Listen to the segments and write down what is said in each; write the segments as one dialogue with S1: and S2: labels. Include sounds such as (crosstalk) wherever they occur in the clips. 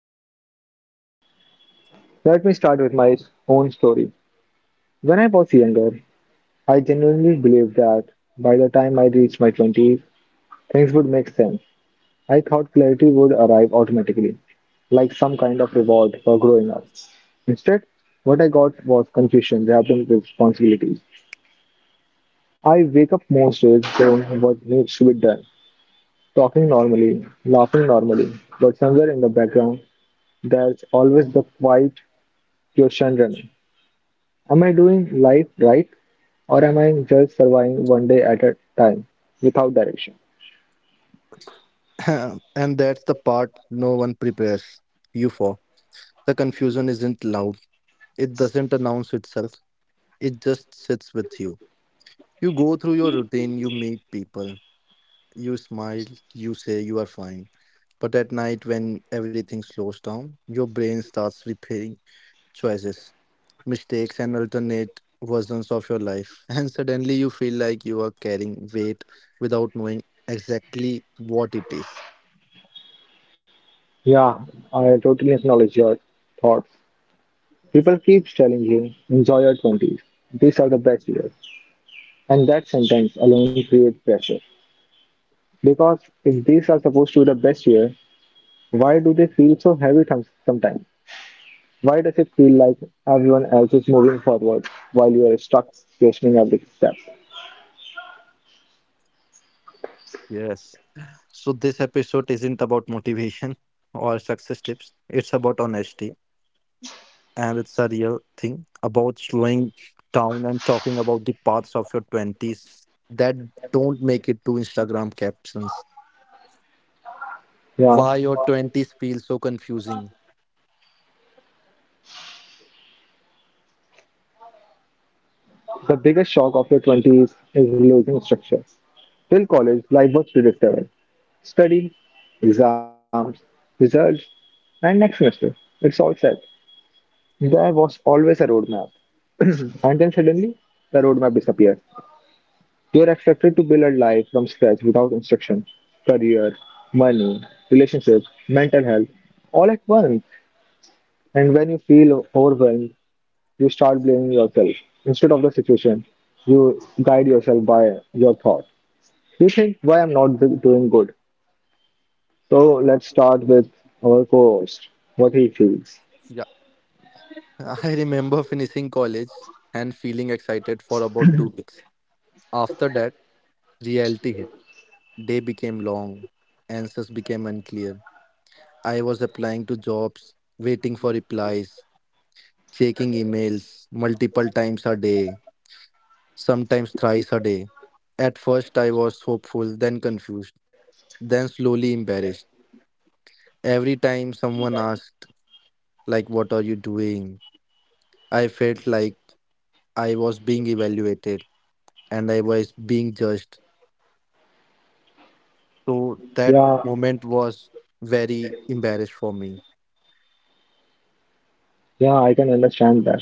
S1: podcast. Let me start with my own story. When I was younger, I genuinely believed that by the time I reached my 20s, things would make sense. I thought clarity would arrive automatically, like some kind of reward for growing up. Instead, what I got was confusion wrapped in responsibilities. I wake up most days doing what needs to be done, talking normally, laughing normally, but somewhere in the background, there's always the quiet question running. Am I doing life right, or am I just surviving one day at a time without direction?
S2: (laughs) (clears throat) And that's the part no one prepares you for. The confusion isn't loud, it doesn't announce itself, it just sits with you. You go through your routine, you meet people, you smile, you say you are fine. But at night, when everything slows down, your brain starts replaying choices, mistakes, and alternate versions of your life. (laughs) And suddenly, you feel like you are carrying weight without knowing exactly what it is.
S1: Yeah, I totally acknowledge your thoughts. People keep telling you, enjoy your 20s. These are the best years. And that sentence alone creates pressure. Because if these are supposed to be the best year, why do they feel so heavy sometimes? Why does it feel like everyone else is moving forward while you are stuck questioning every step?
S2: Yes. So, this episode isn't about motivation (laughs) or success tips. It's about honesty. And it's a real thing about slowing down and talking about the parts of your 20s that don't make it to Instagram captions.
S1: Yeah.
S2: Why your 20s feel so confusing.
S1: The biggest shock of your 20s is losing structure. Till college, life was predictable. Study, exams, results, and next semester. It's all set. There was always a roadmap. (clears throat) And then suddenly, the roadmap disappeared. You're expected to build a life from scratch without instruction, career, money, relationships, mental health, all at once. And when you feel overwhelmed, you start blaming yourself instead of the situation. You guide yourself by your thoughts. You think why I'm not doing good. So let's start with our co-host, what he feels.
S2: Yeah. (laughs) I remember finishing college and feeling excited for about 2 weeks. After that, reality hit. Day became long, answers became unclear. I was applying to jobs, waiting for replies, checking emails multiple times a day, sometimes thrice a day. At first, I was hopeful, then confused, then slowly embarrassed. Every time someone asked, like, what are you doing? I felt like I was being evaluated and I was being judged. So that
S1: Yeah,
S2: moment was very embarrassed for me. (laughs)
S1: yeah, I can understand that.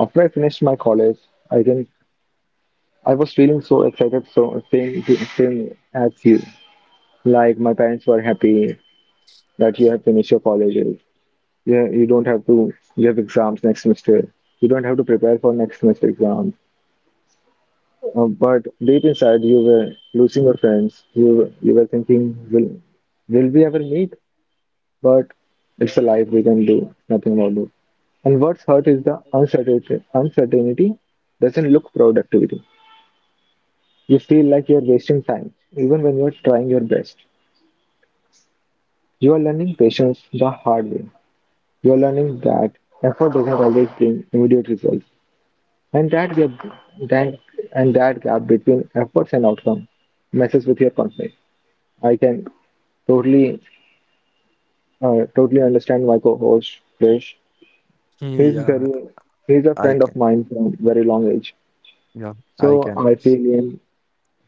S1: After I finished my college, I can I was feeling so excited, so same as you. Like my parents were happy that you have finished your colleges. Yeah, you have exams next semester. You don't have to prepare for next semester exams. But deep inside, you were losing your friends. You were thinking, will will we ever meet? But it's a life we can do nothing about it. And what's hurt is the uncertainty. Uncertainty doesn't look productivity. You feel like you're wasting time, even when you're trying your best. You are learning patience the hard way. You are learning that effort doesn't always bring immediate results, and that gap, that that gap between efforts and outcome messes with your confidence. I can totally, understand my co-host Krish.
S2: Hmm,
S1: He's
S2: yeah,
S1: very he's a
S2: I
S1: friend of
S2: can.
S1: mine from very long age.
S2: Yeah, I
S1: So
S2: can.
S1: I feel him.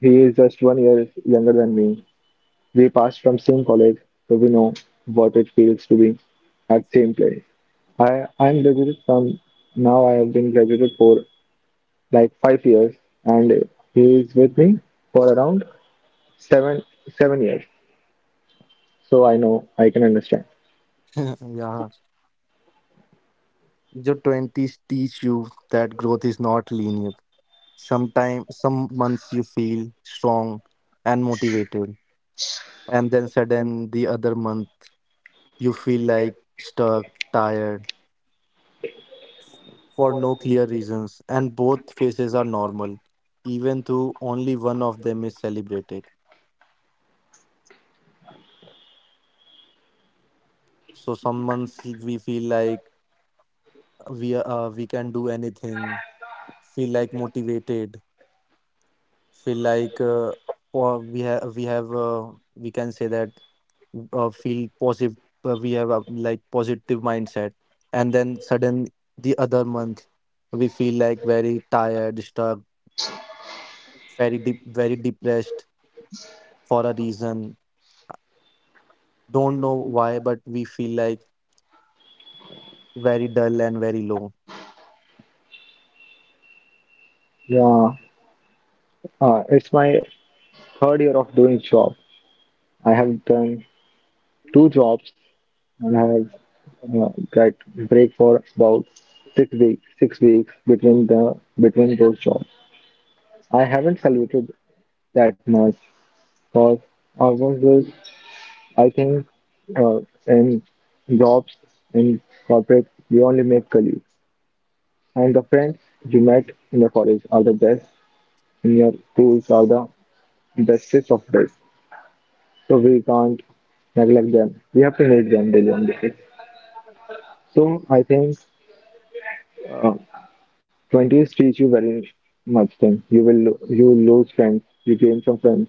S1: He is just one year younger than me. We passed from same college, so we know what it feels to be at same place. I'm graduated from now. I have been graduated for like 5 years, and he is with me for around seven seven years. So I know I can understand.
S2: (laughs) Yeah, your 20s teach you that growth is not linear. Sometimes, some months you feel strong and motivated, and then sudden the other month you feel like stuck, tired for no clear reasons, and both phases are normal, even though only one of them is celebrated. So some months we feel like we can do anything, feel like motivated, feel like or we have we can say that, feel positive, we have a like positive mindset. And then sudden the other month we feel like very tired, stuck, very deep, very depressed for a reason, don't know why, but we feel like very dull and very low.
S1: Yeah, it's my third year of doing job. I have done two jobs and I have get break for about 6 weeks between the between those jobs. I haven't celebrated that much because I was just, I think uh, in jobs in corporate you only make colleagues, and the friends you met in the college are the best, in your schools are the bestest of best. So we can't neglect them. We have to make them daily on the day. So I think uh, twenties teach you very much thing. You will you will lose friends, you gain some friends,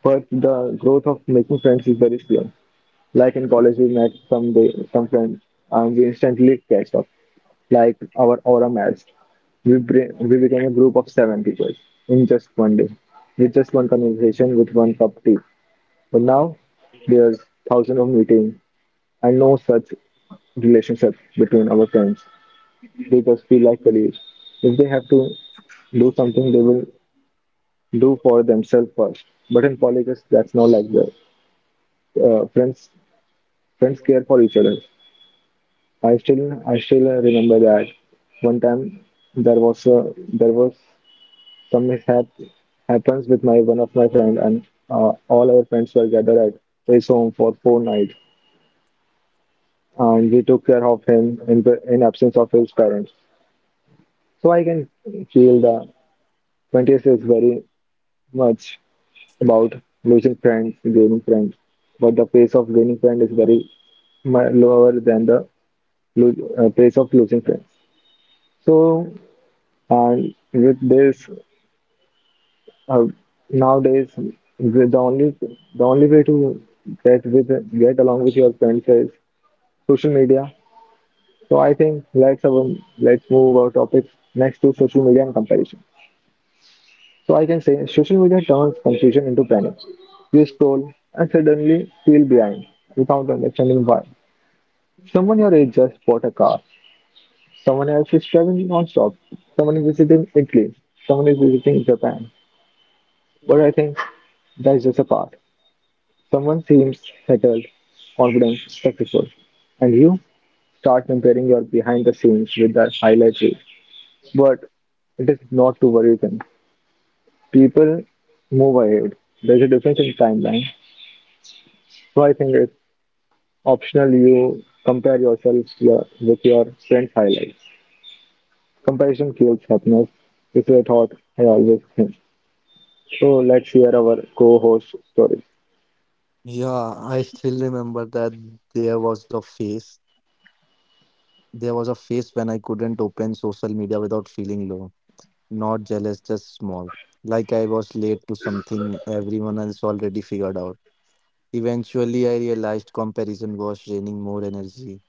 S1: but the growth of making friends is very slow. Like in college, we met some day, some friends, and we instantly catch up. Like our aura matched. We became a group of seven people in just one day, with just one conversation, with one cup tea. But now there's thousands of meetings and no such relationship between our friends. They just feel like colleagues. If they have to do something, they will do for themselves first. But in colleges, that's not like that. Uh, friends, friends care for each other. I still remember that one time there was some mishap happens with my one of my friend, and all our friends were gathered at his home for four nights, and we took care of him in absence of his parents. So I can feel the 20th is very much about losing friends, gaining friends, but the pace of gaining friends is very lower than the pace of losing friends. So, uh, with this, uh, nowadays with the only way to get with get along with your friends is social media. So I think let's move our topics next to social media and comparison. So I can say social media turns confusion into panic. You scroll and suddenly feel behind without understanding why. Someone your age just bought a car. Someone else is traveling non-stop. Someone is visiting Italy. Someone is visiting Japan. But I think that's just a part. Someone seems settled, confident, successful. And you start comparing your behind the scenes with their highlight reel. But it is not to worry them. People move ahead. There's a difference in timeline. So I think it's optional you compare yourself to with your friend's highlight. Comparison fuels happiness is a thought I always think. So let's hear our co-host stories.
S2: Yeah, I still remember that there was a phase there was a phase when I couldn't open social media without feeling low, not jealous, just small, like I was late to something everyone else already figured out. Eventually, I realized comparison was draining more energy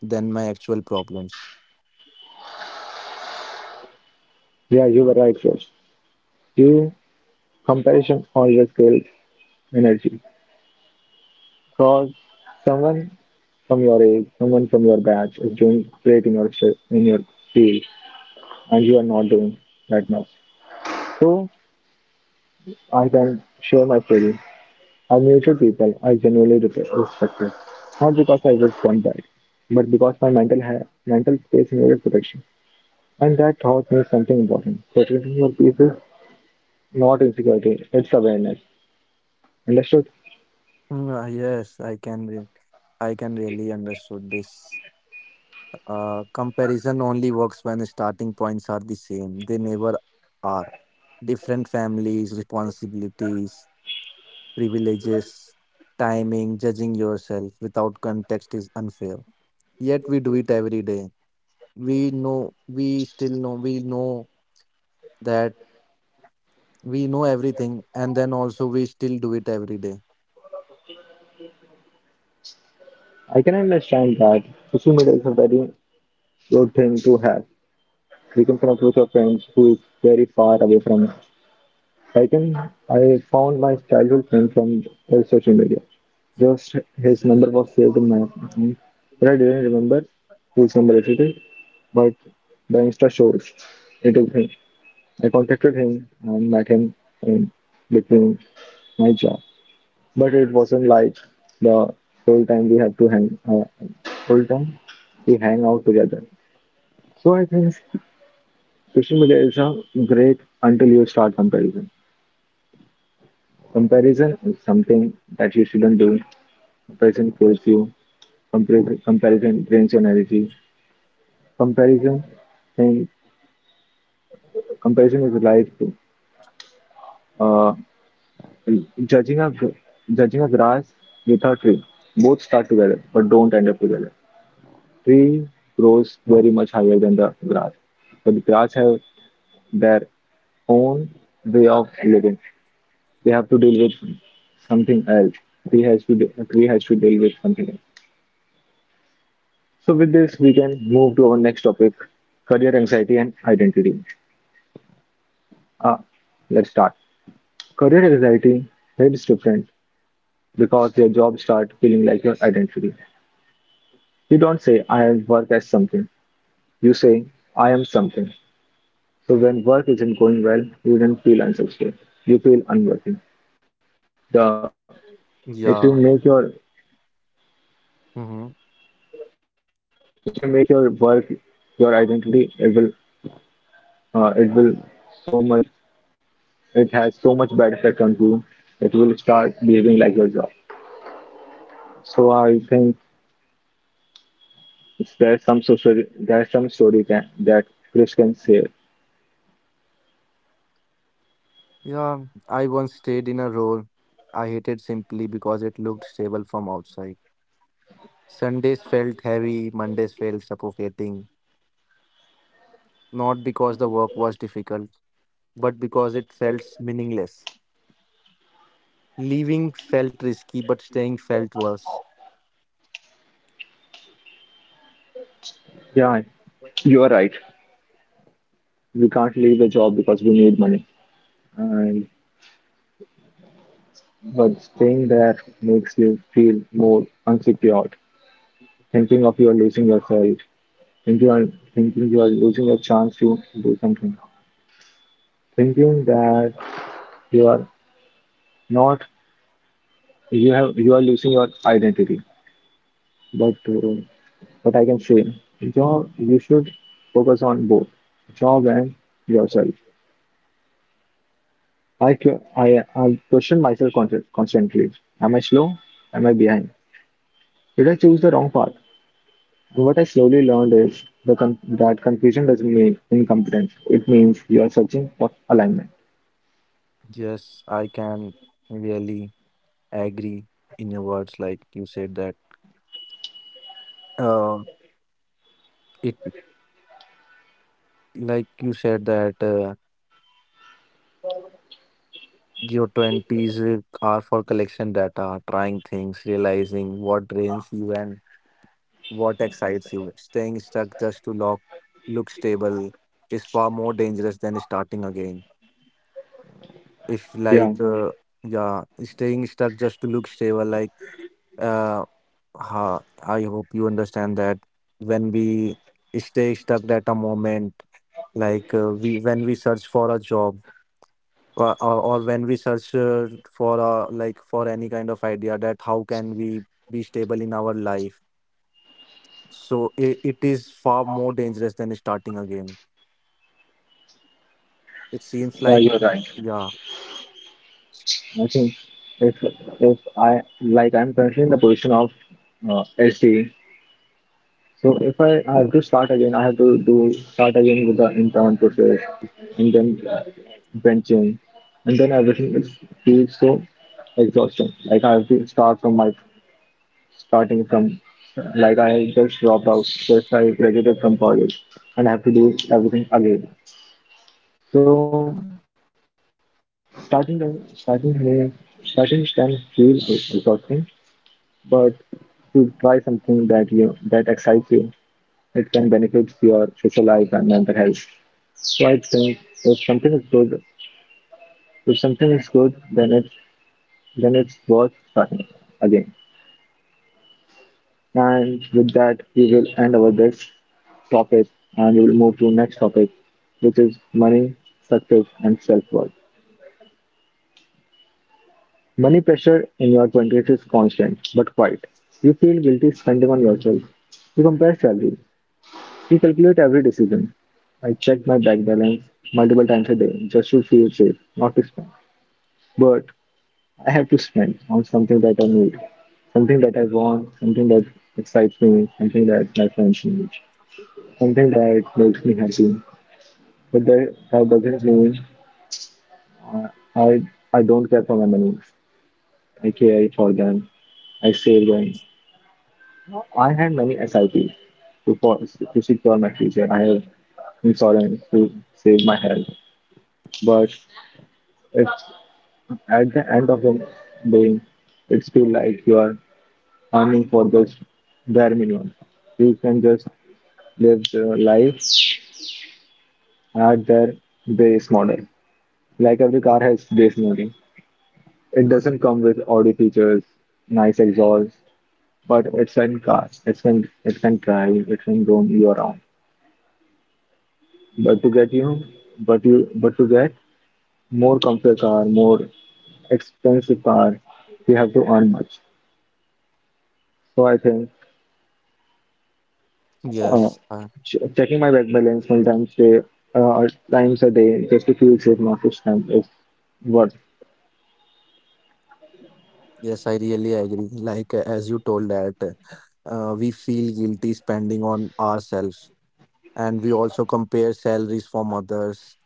S2: than my actual problems.
S1: Yeah, you were right, Rose. You Comparison always kills energy. Cause someone from your age, someone from your batch is doing great in your in your field, and you are not doing that much. So I can share my story. I mutual people I genuinely respected, not because I was one bad, but because my mental space needed protection. And that thought means something important. Protecting your peace is not insecurity, it's awareness. Understood?
S2: Yes, I can really understood this. Comparison only works when starting points are the same. They never are. Different families, responsibilities, privileges, timing, judging yourself without context is unfair. Yet we do it every day. We know that we know everything, and then also we still do it every day.
S1: I can understand that social media is a very good thing to have. We can connect with your friends who is very far away from us. I can I found my childhood friend from the social media. Just his number was saved in my phone. But I didn't remember whose number it is, but the Insta shows it is him. I contacted him and met him in between my job. But it wasn't like the whole time we have to hang whole time we hang out together. So I think social media is a great until you start comparison. Comparison is something that you shouldn't do. Comparison kills you. Comparison drains your energy. Comparison thing, comparison is like uh, judging a judging a grass with a tree. Both start together, but don't end up together. Tree grows very much higher than the grass. But the grass have their own way of living. They have to deal with something else. Tree has to deal with something else. So with this, we can move to our next topic: career anxiety and identity. Ah, let's start. Career anxiety hits different because your job start feeling like your identity. You don't say I work as something. You say I am something. So when work isn't going well, you don't feel unsuccessful. You feel unworthy. The if you make your
S2: Yeah. Mm-hmm.
S1: if you make your work your identity, it will so much it has so much bad effect on you that you will start behaving like your job. So I think there's some story that Chris can say.
S2: Yeah. I once stayed in a row I hated simply because it looked stable from outside. Sundays felt heavy, Mondays felt suffocating. Not because the work was difficult, but because it felt meaningless. Leaving felt risky, but staying felt worse.
S1: Yeah, you are right. We can't leave the job because we need money, and but staying there makes you feel more unsecured. Thinking of you are losing yourself, think you are thinking you are losing your chance to do something, thinking that you are not you have you are losing your identity. But I can say, job you should focus on both job and yourself. I question myself constantly. Am I slow? Am I behind? Did I choose the wrong path? What I slowly learned is that confusion doesn't mean incompetence. It means you are searching for alignment.
S2: Yes, I can really agree in your words, like you said Uh, it that. Your 20s are for collection data, trying things, realizing what drains you and what excites you. Staying stuck just to look stable is far more dangerous than starting again. If,
S1: Yeah,
S2: like, Yeah, staying stuck just to look stable, uh, I hope you understand that when we stay stuck at a moment, like, we when we search for a job, or when we search for like for any kind of idea that how can we be stable in our life, so it is far more dangerous than starting again, it seems
S1: yeah,
S2: like.
S1: you're right.
S2: Yeah.
S1: I think if if I like I'm currently in the position of SD, so if I have to start again, I have to do start again with the intern process, and then benching, and then everything it feels so exhausting. Like I have to start from my starting from like I just dropped out, just I graduated from college, and I have to do everything again. So starting the starting here, starting can feel exhausting. But to try something that excites you, it can benefit your social life and mental health. So I think if something is good, if something is good, then it's worth starting again. And with that, we will end our this topic, and we will move to next topic, which is money, success, and self-worth. Money pressure in your 20s is constant but quiet. You feel guilty spending on yourself. You compare salaries. Recalculate every decision. I check my bank balance multiple times a day just to feel safe, not to spend. But I have to spend on something that I need, something that I want, something that excites me, something that my friends need, something that makes me happy. But that doesn't mean I, I I don't care for my money. I care for them. I save them. I had many SIPs to secure my future. I have insurance to save my health. But It's at the end of the day, it's feel like you are earning for the bare minimum. You can just live the life at their base model. Like every car has base model. It doesn't come with all the features, nice exhaust, but it's an car. It can drive, it can roam you around. But to get you, but to get more comfort car, more expensive car, you have to earn much. So I think uh,
S2: yes uh,
S1: checking my bank balance multiple times a times a day just to feel safe, not to spend is what.
S2: yes, I really agree, like, as you told that, we feel guilty spending on ourselves, and we also compare salaries from others,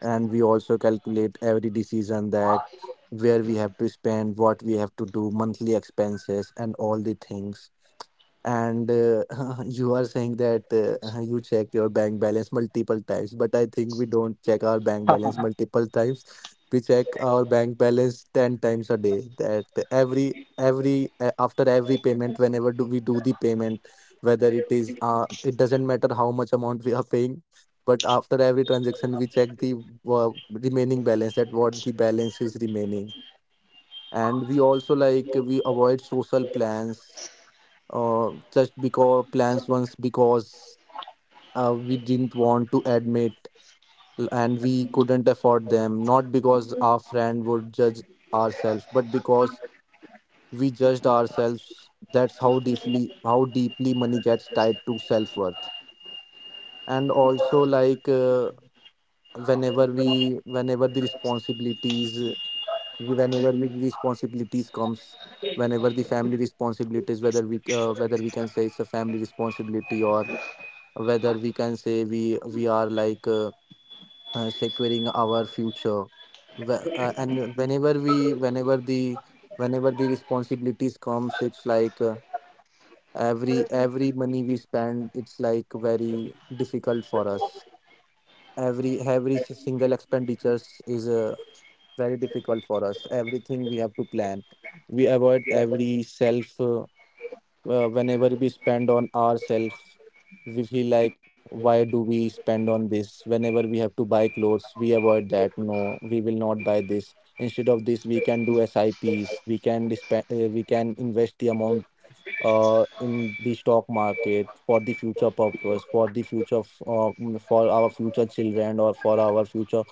S2: and we also calculate every decision, that where we have to spend, what we have to do, monthly expenses, and all the things. And (laughs) you are saying that you check your bank balance multiple times, but I think we don't check our bank balance multiple times, we check our bank balance 10 times a day, that every after every payment, whenever do we do the payment, whether it is, it doesn't matter how much amount we are paying, but after every transaction we check the, remaining balance, that what the balance is remaining. And we also, like, we avoid social plans, just because plans once, because we didn't want to admit and we couldn't afford them, not because our friend would judge ourselves, but because we judged ourselves. That's how deeply, how deeply money gets tied to self-worth. And also, like, whenever we, whenever the responsibilities comes, whenever the family responsibilities, whether we, whether we can say it's a family responsibility, or whether we can say we are like, securing our future. And whenever we, whenever the responsibilities comes, it's like, every money we spend, it's like very difficult for us, single expenditures is, very difficult for us, everything we have to plan, we avoid every self, whenever we spend on ourselves, we feel like, why do we spend on this? Whenever we have to buy clothes we avoid that, no, we will not buy this, instead of this we can do SIPs. We can spend. We can invest the amount in the stock market for the future purpose, for the for our future children, or for our future,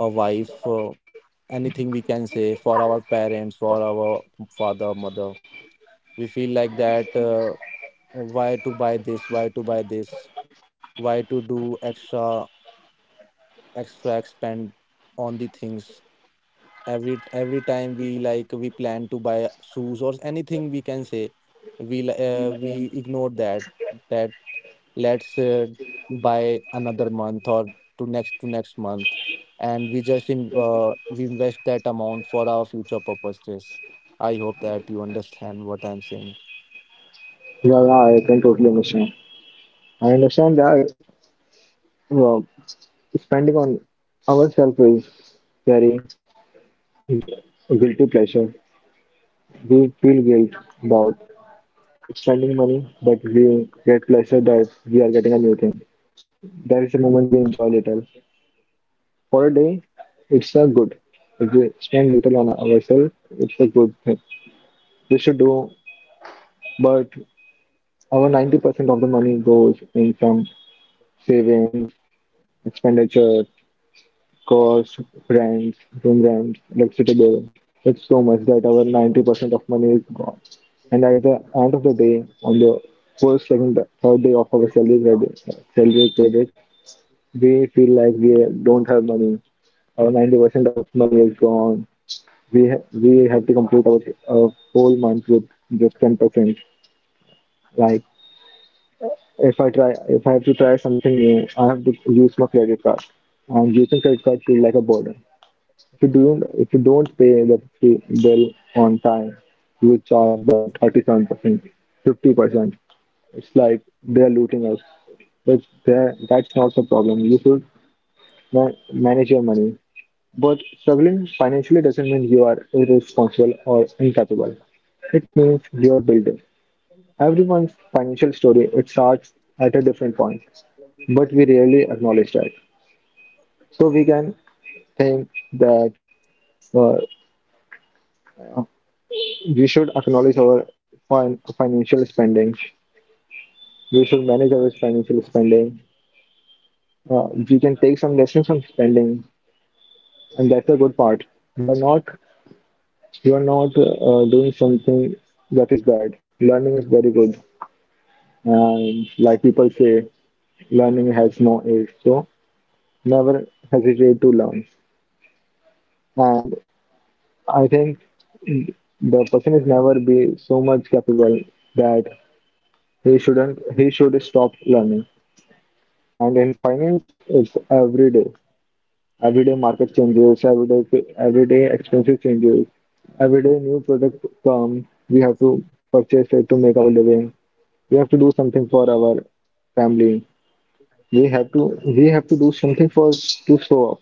S2: wife, anything we can say, for our parents, for our father, mother. We feel like that, why to buy this, why to do extra, extra expend on the things. Every time we, like, we plan to buy shoes, or anything we can say, we ignore that, that, let's buy another month, or to next, to next month. And we just in, we invest that amount for our future purposes. I hope that you understand what I'm saying.
S1: Yeah, yeah, I can totally understand. I understand that uh, spending on ourselves is very guilty pleasure. We feel guilt about spending money, but we get pleasure that we are getting a new thing. There is a moment we enjoy little. For a day, it's a good. If we spend little on ourselves, it's a good thing. We should do, but our 90% of the money goes in some savings, expenditure, cost, rents, room rents, electricity bill. It's so much that our 90% of money is gone. And at the end of the day, on the first, second, third day of our salary credit, we feel like we don't have money. Our 90% of money is gone. We have to complete our whole month with just 10%. Like if I try, if I have to try something new, I have to use my credit card, and using credit card feels like a burden. If you don't pay the bill on time, you will charge by 37%, 50%. It's like they are looting us. But that's not the problem. You should manage your money. But struggling financially doesn't mean you are irresponsible or incapable. It means you are building. Everyone's financial story it starts at a different point, but we rarely acknowledge that. So we can think that uh, we should acknowledge our financial spending. We should manage our financial spending. We can take some lessons from spending, and that's a good part. You are not you are not doing something that is bad. Learning is very good, and like people say, learning has no age. So never hesitate to learn. And I think the person is never be so much capable that he shouldn't he should stop learning. And in finance, it's every day. Every day market changes. Every day expenses changes. Every day new product come. We have to purchase it to make our living. We have to do something for our family. We have to do something for to show off.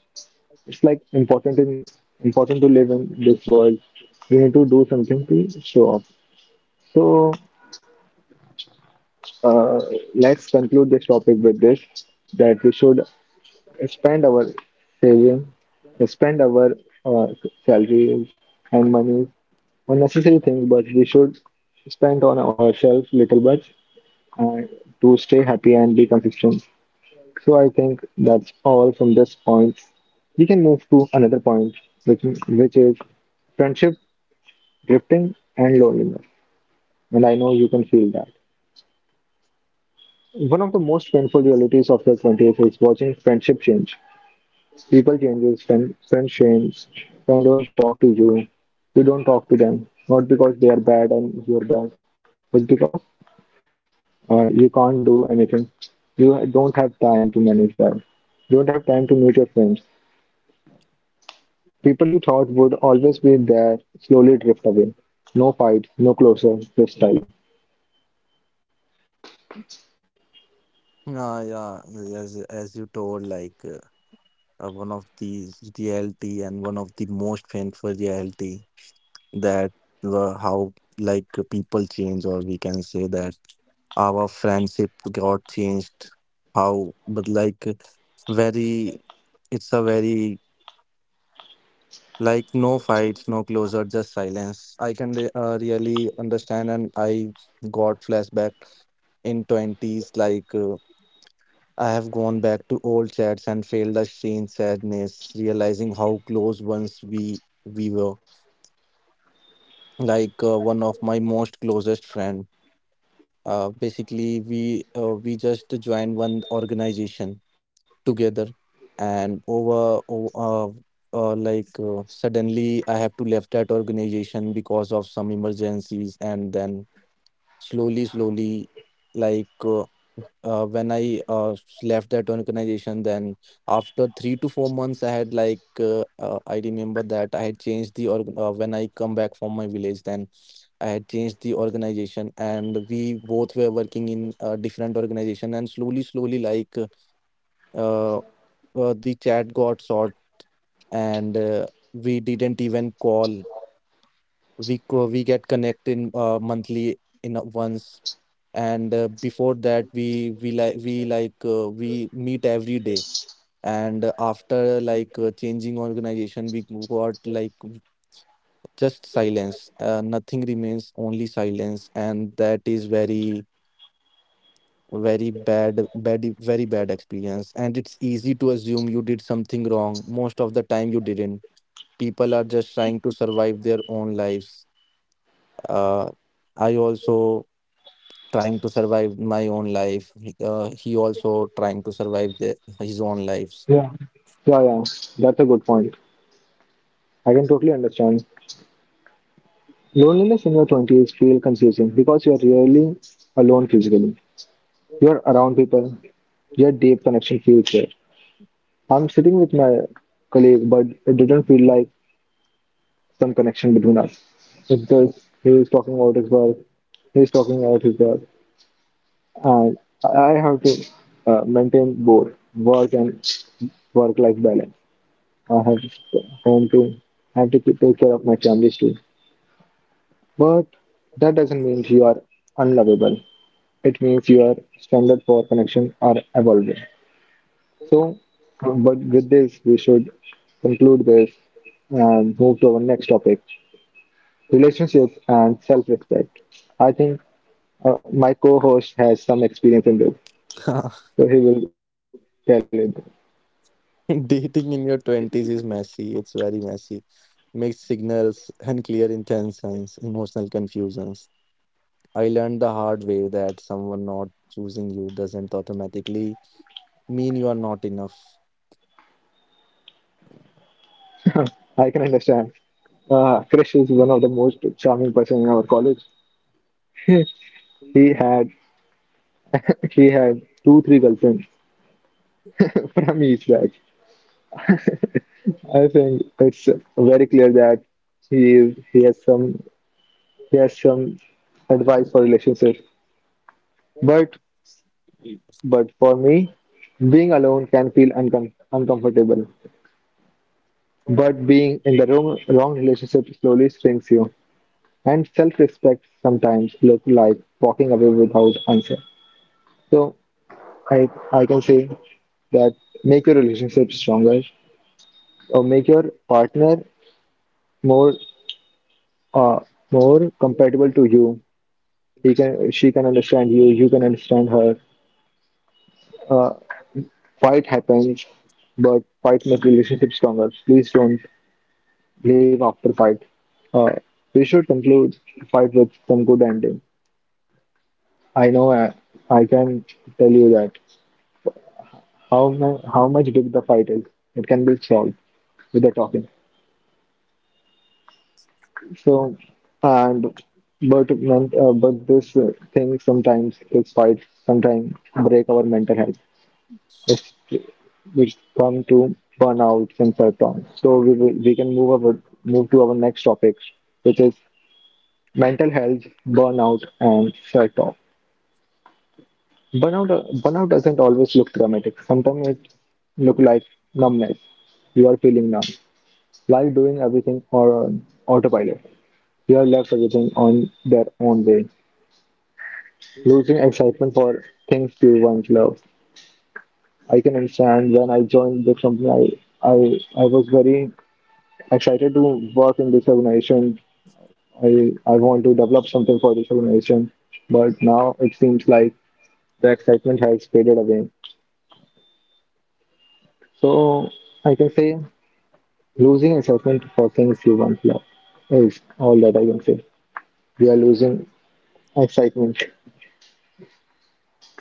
S1: It's like important in important to live in this world. We need to do something to show off. So uh, let's conclude this topic with this that we should spend our saving, spend our uh, salaries and money on necessary things, but we should spend on ourselves little bit and to stay happy and be consistent. So I think that's all from this point. We can move to another point, which which is friendship drifting, and loneliness. And I know you can feel that. One of the most painful realities of the 20th is watching friendship change. People changes, friends change, friends don't talk to you, you don't talk to them, not because they are bad and you're bad, but because you can't do anything. You don't have time to manage that. You don't have time to meet your friends. People you thought would always be there slowly drift away. No fight, no closer, just silence.
S2: Yeah, yeah, as you told, like, one of the reality, and one of the most painful reality, that were how, like, people change, or we can say that our friendship got changed. How, but like, very, it's a very, like, no fights, no closure, just silence. I can re really understand, and I got flashback in twenties, like. I have gone back to old chats and felt a strange sadness, realizing how close once we were. Like, one of my most closest friend. Basically, we just joined one organization together, and over o- like suddenly I have to left that organization because of some emergencies, and then slowly, slowly, like. When I left that organization, then after 3 to 4 months, I had like, I remember that I had changed the org when I come back from my village, then I had changed the organization, and we both were working in a different organization, and slowly, slowly, like, uh, uh, the chat got short, and we didn't even call, we get connected, monthly in a, once. And before that we, we meet every day, and after, like, changing organization we got like w- just silence, nothing remains, only silence, and that is very, very bad, very bad experience. And it's easy to assume you did something wrong, most of the time you didn't, people are just trying to survive their own lives. uh, I also trying to survive my own life. He also trying to survive the, his own lives.
S1: Yeah. Yeah, yeah, that's a good point. I can totally understand. Loneliness in your 20s feel confusing because you are really alone physically. You are around people, your deep connection feels rare. I'm sitting with my colleague, but it didn't feel like some connection between us. It's just he is talking about his work, and I have to maintain both work and work-life balance. I have home to I have to take care of my families too. But that doesn't mean you are unlovable. It means your standard for connection are evolving. So, but with this, we should conclude this and move to our next topic: relationships and self-respect. I think my co-host has some experience in this,
S2: (laughs)
S1: so he will tell it.
S2: Dating in your 20s is messy. It's very messy. Mixed signals, unclear intentions, emotional confusions. I learned the hard way that someone not choosing you doesn't automatically mean you are not enough.
S1: I can understand. Krish is one of the most charming person in our college. (laughs) he had he had 2 3 girlfriends (laughs) from each batch. I think it's very clear that he is, he has some he has some advice for relationships. But for me, being alone can feel uncomfortable. But being in the wrong relationship slowly shrinks you. And self-respect sometimes look like walking away without answer. So I can say that make your relationship stronger or make your partner more uh, more compatible to you. He can, she can understand you. You can understand her. Uh, fight happens, but fight make relationship stronger. Please don't leave after fight. Uh, we should conclude fight with some good ending. I know I, I can tell you that how much big the fight is. It can be solved with the talking. So, and but this thing sometimes this fight sometimes break our mental health, which which come to burnouts and self-harm. So we can move to our next topic, which is mental health, burnout, and self-talk. Burnout doesn't always look dramatic. Sometimes it look like numbness. You are feeling numb, like doing everything on autopilot. You have left everything on their own way, losing excitement for things you once loved. I can understand when I joined the company, I was very excited to work in this organization. I want to develop something for this organization, but now it seems like the excitement has faded away. So I can say losing excitement for things you once loved is all that I can say. We are losing excitement.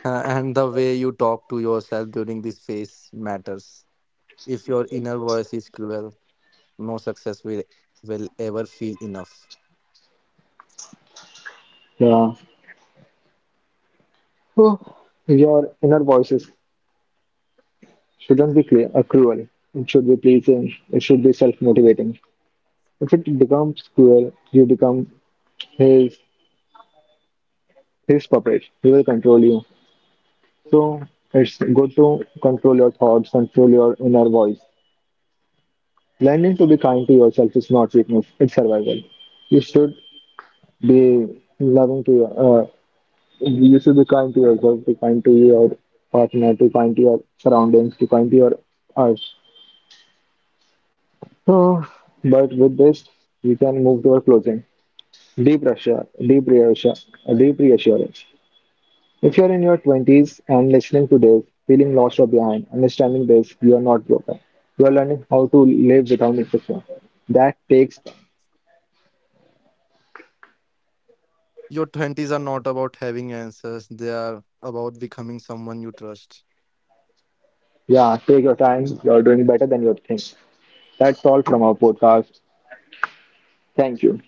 S2: And the way you talk to yourself during this phase matters. If your inner voice is cruel, no success will ever feel enough.
S1: Yeah. Oh, your inner voices shouldn't be cruel. It should be pleasing. It should be self-motivating. If it becomes cruel, you become his his puppet. He will control you. So it's good to control your thoughts, control your inner voice. Learning to be kind to yourself is not weakness; it's survival. You should be loving to you should be kind to yourself, be kind to your partner, to kind to your surroundings, to kind to your earth. So, but with this, we can move to our closing. Deep Russia, deep reassurance, deep reassurance. If you're in your 20s and listening to this, feeling lost or behind, understanding this, you are not broken. You are learning how to live without insecurity. That takes.
S2: Your 20s are not about having answers, they are about becoming someone you trust.
S1: Yeah, take your time. You're doing better than you think. That's all from our podcast. Thank you.